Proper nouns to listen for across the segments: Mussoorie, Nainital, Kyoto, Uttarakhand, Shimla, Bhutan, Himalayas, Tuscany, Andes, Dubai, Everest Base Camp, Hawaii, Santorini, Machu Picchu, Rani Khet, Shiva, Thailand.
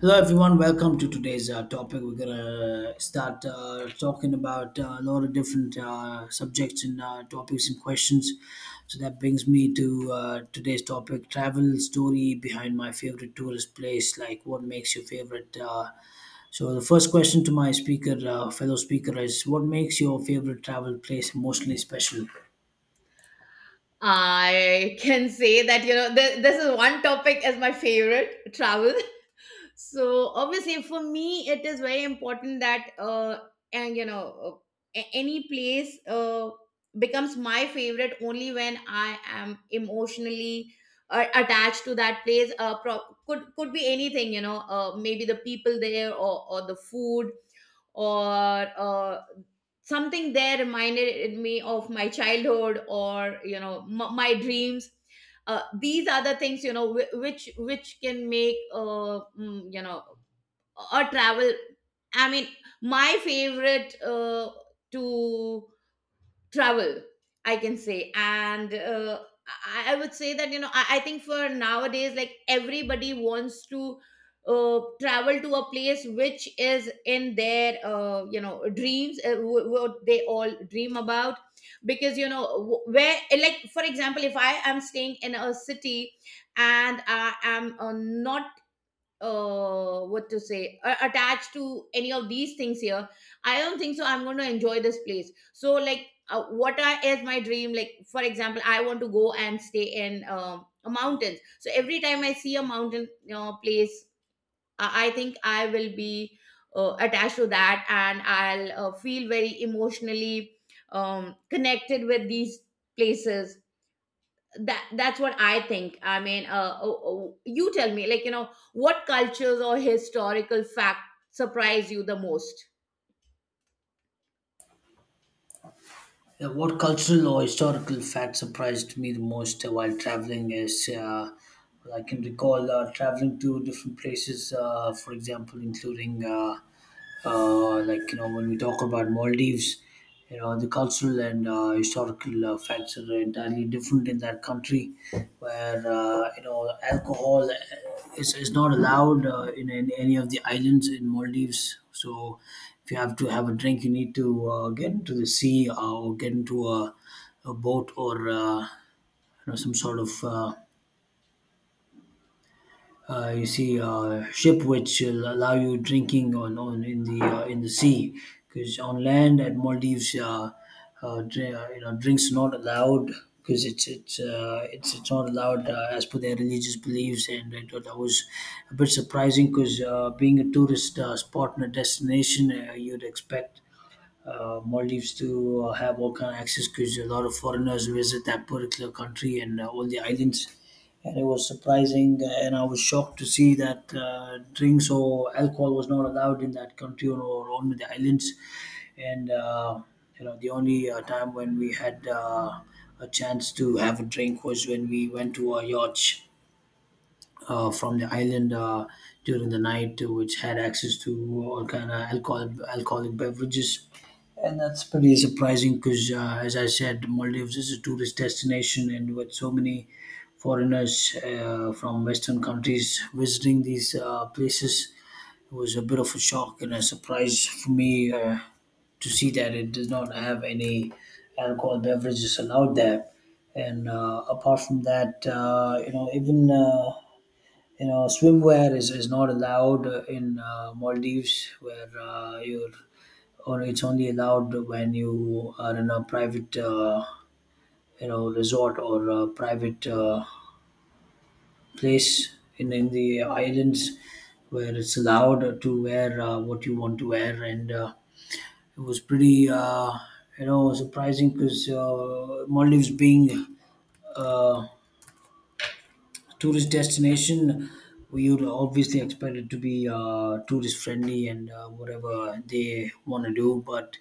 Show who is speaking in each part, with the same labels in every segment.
Speaker 1: Hello, everyone. Welcome to today's topic. We're gonna start talking about a lot of different subjects and topics and questions. So that brings me to today's topic: travel story behind my favorite tourist place. Like, what makes your favorite? So the first question to my speaker, fellow speaker, is: What makes your favorite travel place emotionally special?
Speaker 2: I can say that, you know, this is one topic as my favorite travel. So obviously for me it is very important that and you know, any place becomes my favorite only when I am emotionally attached to that place. Could be anything, you know. Maybe the people there, or the food, or something there reminded me of my childhood, or, you know, my dreams. These are the things, you know, which can make, you know, a travel, I mean, my favorite, to travel, I can say. And I would say that, you know, I think for nowadays, like, everybody wants to travel to a place which is in their, you know, dreams, what they all dream about. Because, you know, where, like, for example, if I am staying in a city and I am not what to say, attached to any of these things here, I don't think so I'm going to enjoy this place. So, like, what is my dream? Like, for example, I want to go and stay in a mountain. So every time I see a mountain place, I think I will be attached to that, and I'll feel very emotionally, connected with these places. That that's what I think. I mean, oh, oh, you tell me, like, you know, what cultures or historical fact surprise you the most?
Speaker 1: Yeah, what cultural or historical fact surprised me the most while traveling is I can recall traveling to different places, for example, including like when we talk about Maldives, you know the cultural and historical facts are entirely different in that country, where you know alcohol is not allowed in any of the islands in Maldives. So if you have to have a drink, you need to get into the sea or get into a boat or you know some sort of you see ship which will allow you drinking on in the sea because on land at Maldives you know drinks not allowed because it's not allowed as per their religious beliefs, and I thought that was a bit surprising because being a tourist spot and a destination you'd expect Maldives to have all kind of access because a lot of foreigners visit that particular country and all the islands. And it was surprising, and I was shocked to see that drinks or alcohol was not allowed in that country or on the islands. And you know, the only time when we had a chance to have a drink was when we went to a yacht from the island during the night, which had access to all kind of alcohol, alcoholic beverages, and that's pretty surprising because, as I said, Maldives is a tourist destination, and with so many foreigners from Western countries visiting these places, it was a bit of a shock and a surprise for me to see that it does not have any alcohol beverages allowed there. And apart from that, you know, even you know swimwear is not allowed in Maldives where you're or it's only allowed when you are in a private you know resort or a private place in the islands where it's allowed to wear what you want to wear, and it was pretty you know surprising because Maldives being uh, tourist destination, we would obviously expect it to be tourist friendly and whatever they want to do. But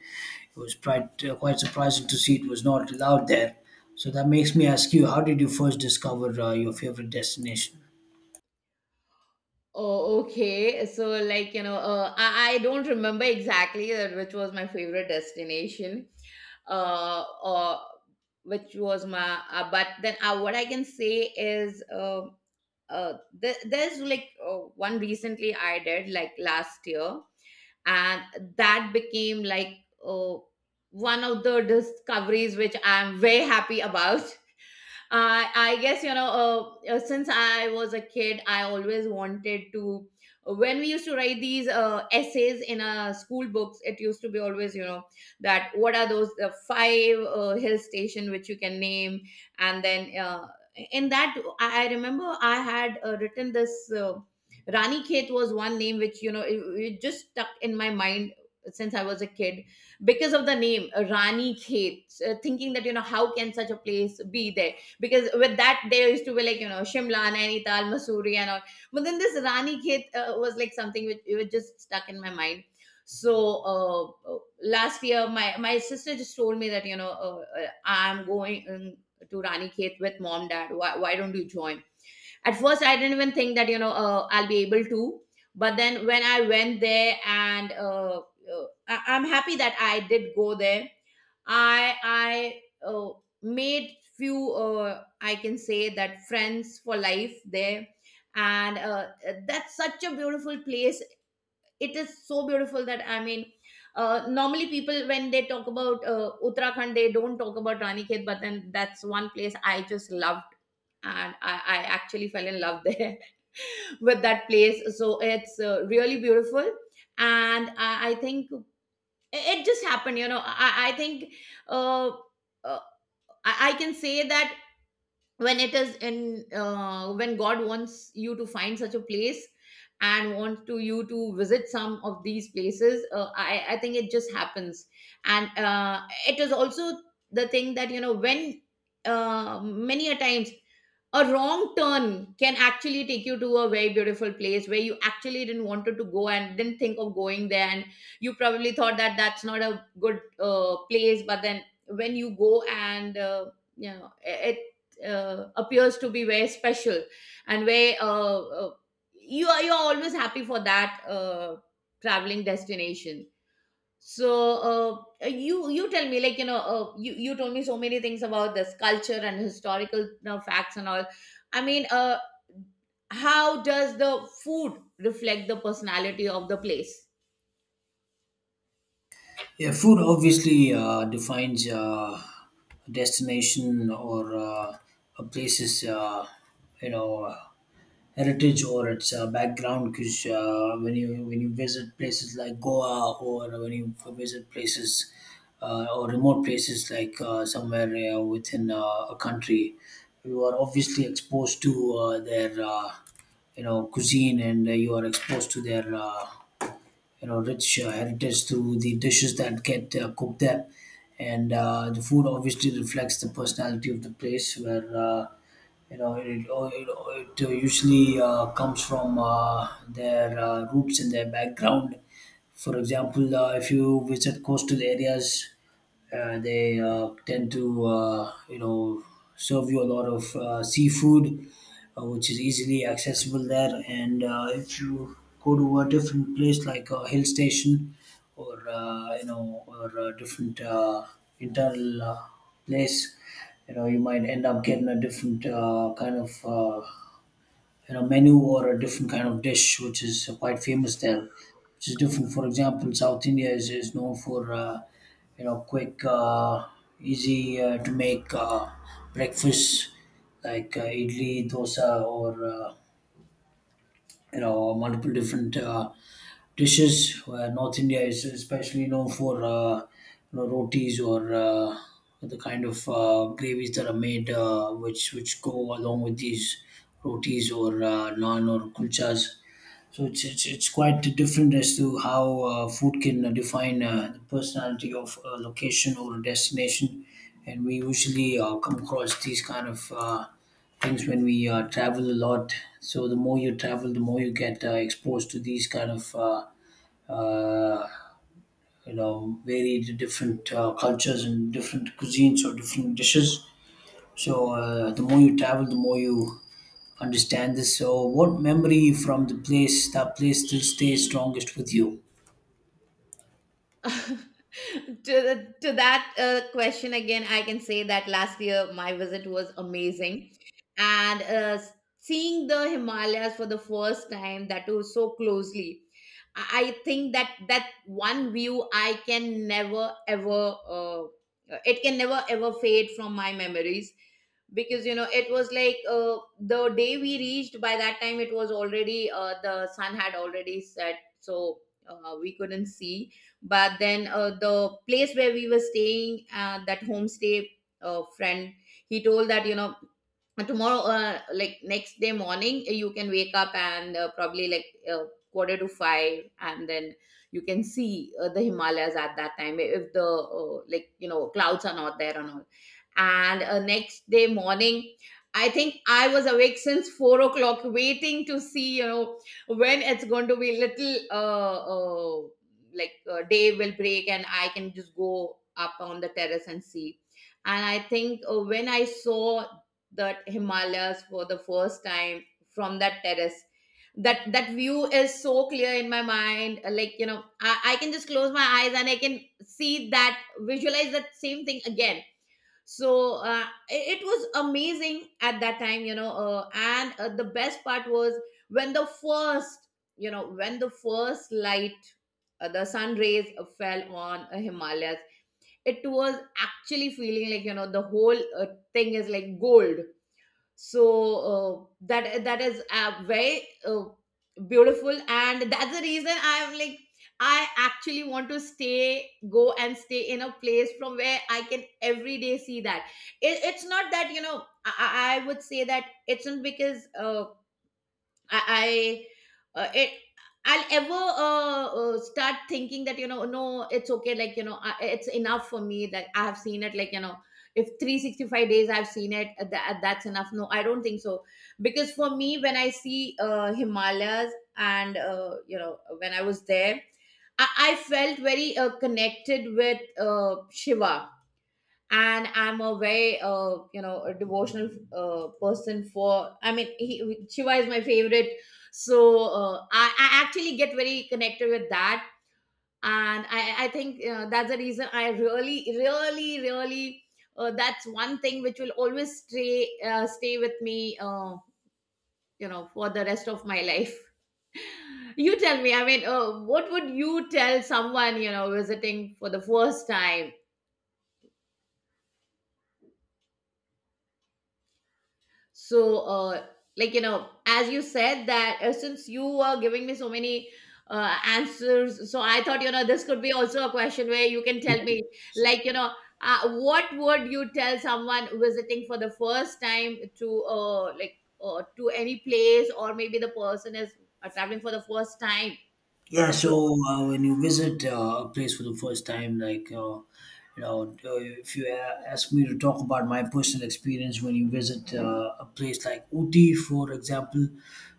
Speaker 1: it was quite surprising to see it was not allowed there. So that makes me ask you, how did you first discover your favorite destination?
Speaker 2: Oh, okay. So, like, you know, I don't remember exactly that which was my favorite destination, or which was my, but then what I can say is, uh, there's, like, one recently I did, like, last year, and that became, like, uh, one of the discoveries which I'm very happy about. I I guess, you know, since I was a kid, I always wanted to. When we used to write these essays in school books, it used to be always, you know, that what are those the five hill station which you can name, and then in that I remember I had written this. Rani Khet was one name which, you know, it just stuck in my mind since I was a kid because of the name, Rani Khet, thinking that, you know, how can such a place be there, because with that there used to be, like, you know, Shimla, Nainital, Mussoorie, and all. But then this Rani Khet was like something which it was just stuck in my mind. So last year, my sister just told me that, you know, I'm going, to Rani Khet with mom, dad. Why don't you join? At first, I didn't even think that, you know, I'll be able to. But then when I went there, and I'm happy that I did go there. I made few, I can say that, friends for life there, and that's such a beautiful place. It is so beautiful that, I mean, normally people when they talk about Uttarakhand, they don't talk about Ranikhet, but then that's one place I just loved, and I actually fell in love there with that place. So it's really beautiful, and I think it just happened, you know. I think uh, uh, I can say that when it is in when god wants you to find such a place and wants to you to visit some of these places, I think it just happens. And it is also the thing that, you know, when, many a times, a wrong turn can actually take you to a very beautiful place where you actually didn't wanted to go and didn't think of going there, and you probably thought that that's not a good place. But then when you go, and you know it appears to be very special. And where you are, you're always happy for that traveling destination. So you tell me, like, you know, you told me so many things about this culture and historical, you know, facts and all. I mean, how does the food reflect the personality of the place?
Speaker 1: Yeah, food obviously defines a destination or a place's, you know, uh, heritage or its background. Because when you visit places like Goa, or when you visit places or remote places like somewhere within a country, you are obviously exposed to their, you know, cuisine, and you are exposed to their. You know rich heritage through the dishes that get cooked there, and the food obviously reflects the personality of the place where you know it usually comes from their roots and their background. For example if you visit coastal areas they tend to you know serve you a lot of seafood which is easily accessible there. And if you go to a different place like a hill station or you know or a different internal place, you know you might end up getting a different kind of you know menu or a different kind of dish which is quite famous there, which is different. For example, South India is known for you know quick easy to make breakfast like idli dosa or you know multiple different dishes. Where North India is especially known for you know rotis or the kind of gravies that are made, which go along with these rotis or naan or kulchas. So it's quite different as to how food can define the personality of a location or a destination, and we usually come across these kind of things when we travel a lot. So the more you travel, the more you get exposed to these kind of uh, you know varied different cultures and different cuisines or different dishes. So the more you travel, the more you understand this. So, what memory from that place still stays strongest with you?
Speaker 2: To that question again, I can say that last year my visit was amazing. And seeing the Himalayas for the first time, that too so closely, I think that that one view I can never ever, it can never ever fade from my memories, because you know it was like, the day we reached, by that time it was already, the sun had already set. So we couldn't see. But then, the place where we were staying, that homestay friend, he told that, you know, and tomorrow, like next day morning, you can wake up and, probably like quarter to 5, and then you can see the Himalayas at that time if the, like you know, clouds are not there and all. And next day morning, I think I was awake since 4 o'clock waiting to see, you know, when it's going to be little, like, day will break and I can just go up on the terrace and see. And I think when I saw the Himalayas for the first time from that terrace, that that view is so clear in my mind. Like, you know, I can just close my eyes and I can see that, visualize that same thing again. So it was amazing at that time, you know. And the best part was when the first, you know, when the first light, the sun rays fell on Himalayas, it was actually feeling like, you know, the whole thing is like gold. So that that is very beautiful. And that's the reason I'm like, I actually want to stay go and stay in a place from where I can every day see that. It's not that, you know, I, I would say that it's not because I, I uh, it I'll ever start thinking that, you know, no it's okay, like, you know, I, it's enough for me that I have seen it, like, you know, if 365 days I've seen it, that, that's enough. No, I don't think so. Because for me, when I see Himalayas and, you know, when I was there, I felt very connected with Shiva. And I'm a very, you know, a devotional person for, I mean, Shiva is my favorite. So I actually get very connected with that. And I think that's the reason I really really really, that's one thing which will always stay with me, you know, for the rest of my life. You tell me, I mean, what would you tell someone, you know, visiting for the first time? So like, you know, as you said that since you were giving me so many answers, so I thought, you know, this could be also a question where you can tell
Speaker 1: Yes.
Speaker 2: me, like, you know, what would you tell someone visiting for the first time to, like to any place, or maybe the person is traveling for the first time.
Speaker 1: Yeah.
Speaker 2: Sure.
Speaker 1: So, when you visit a place for the first time, like you know, if you ask me to talk about my personal experience when you visit a place like Uti, for example,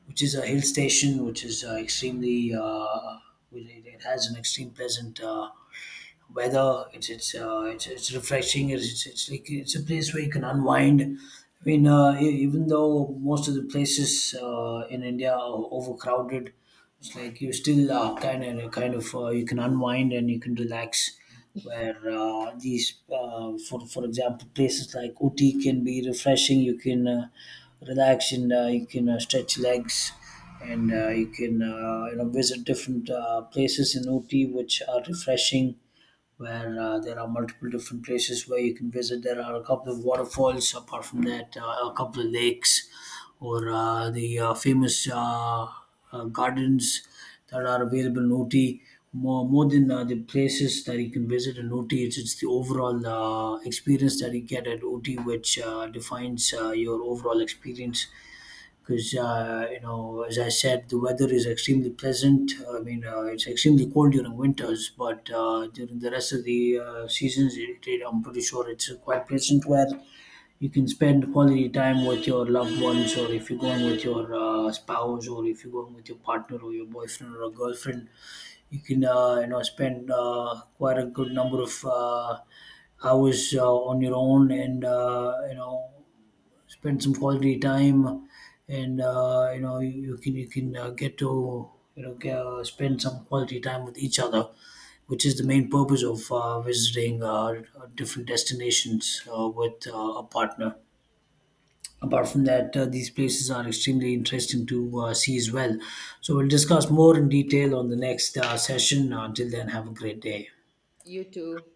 Speaker 1: which is a hill station, which is extremely, it it has an extreme pleasant. Weather. It's refreshing. It's like it's a place where you can unwind. I mean, even though most of the places in India are overcrowded, it's like you still kind of kind of you can unwind and you can relax. Where these, for example, places like Uti can be refreshing. You can relax and you can stretch legs and you can you know visit different places in Uti which are refreshing, where there are multiple different places where you can visit. There are a couple of waterfalls, apart from that, a couple of lakes, or the famous gardens that are available in Ooty. More than the places that you can visit in Ooty, it's the overall experience that you get at Ooty which defines your overall experience, because you know as I said the weather is extremely pleasant. I mean it's extremely cold during winters, but during the rest of the seasons I'm pretty sure it's quite pleasant, where you can spend quality time with your loved ones, or if you're going with your spouse, or if you're going with your partner or your boyfriend or a girlfriend, you can you know spend quite a good number of hours on your own, and you know spend some quality time, and you know you can you can get to you know spend some quality time with each other, which is the main purpose of visiting different destinations with a partner. Apart from that, these places are extremely interesting to see as well. So we'll discuss more in detail on the next session. Until then, have a great day.
Speaker 2: You too.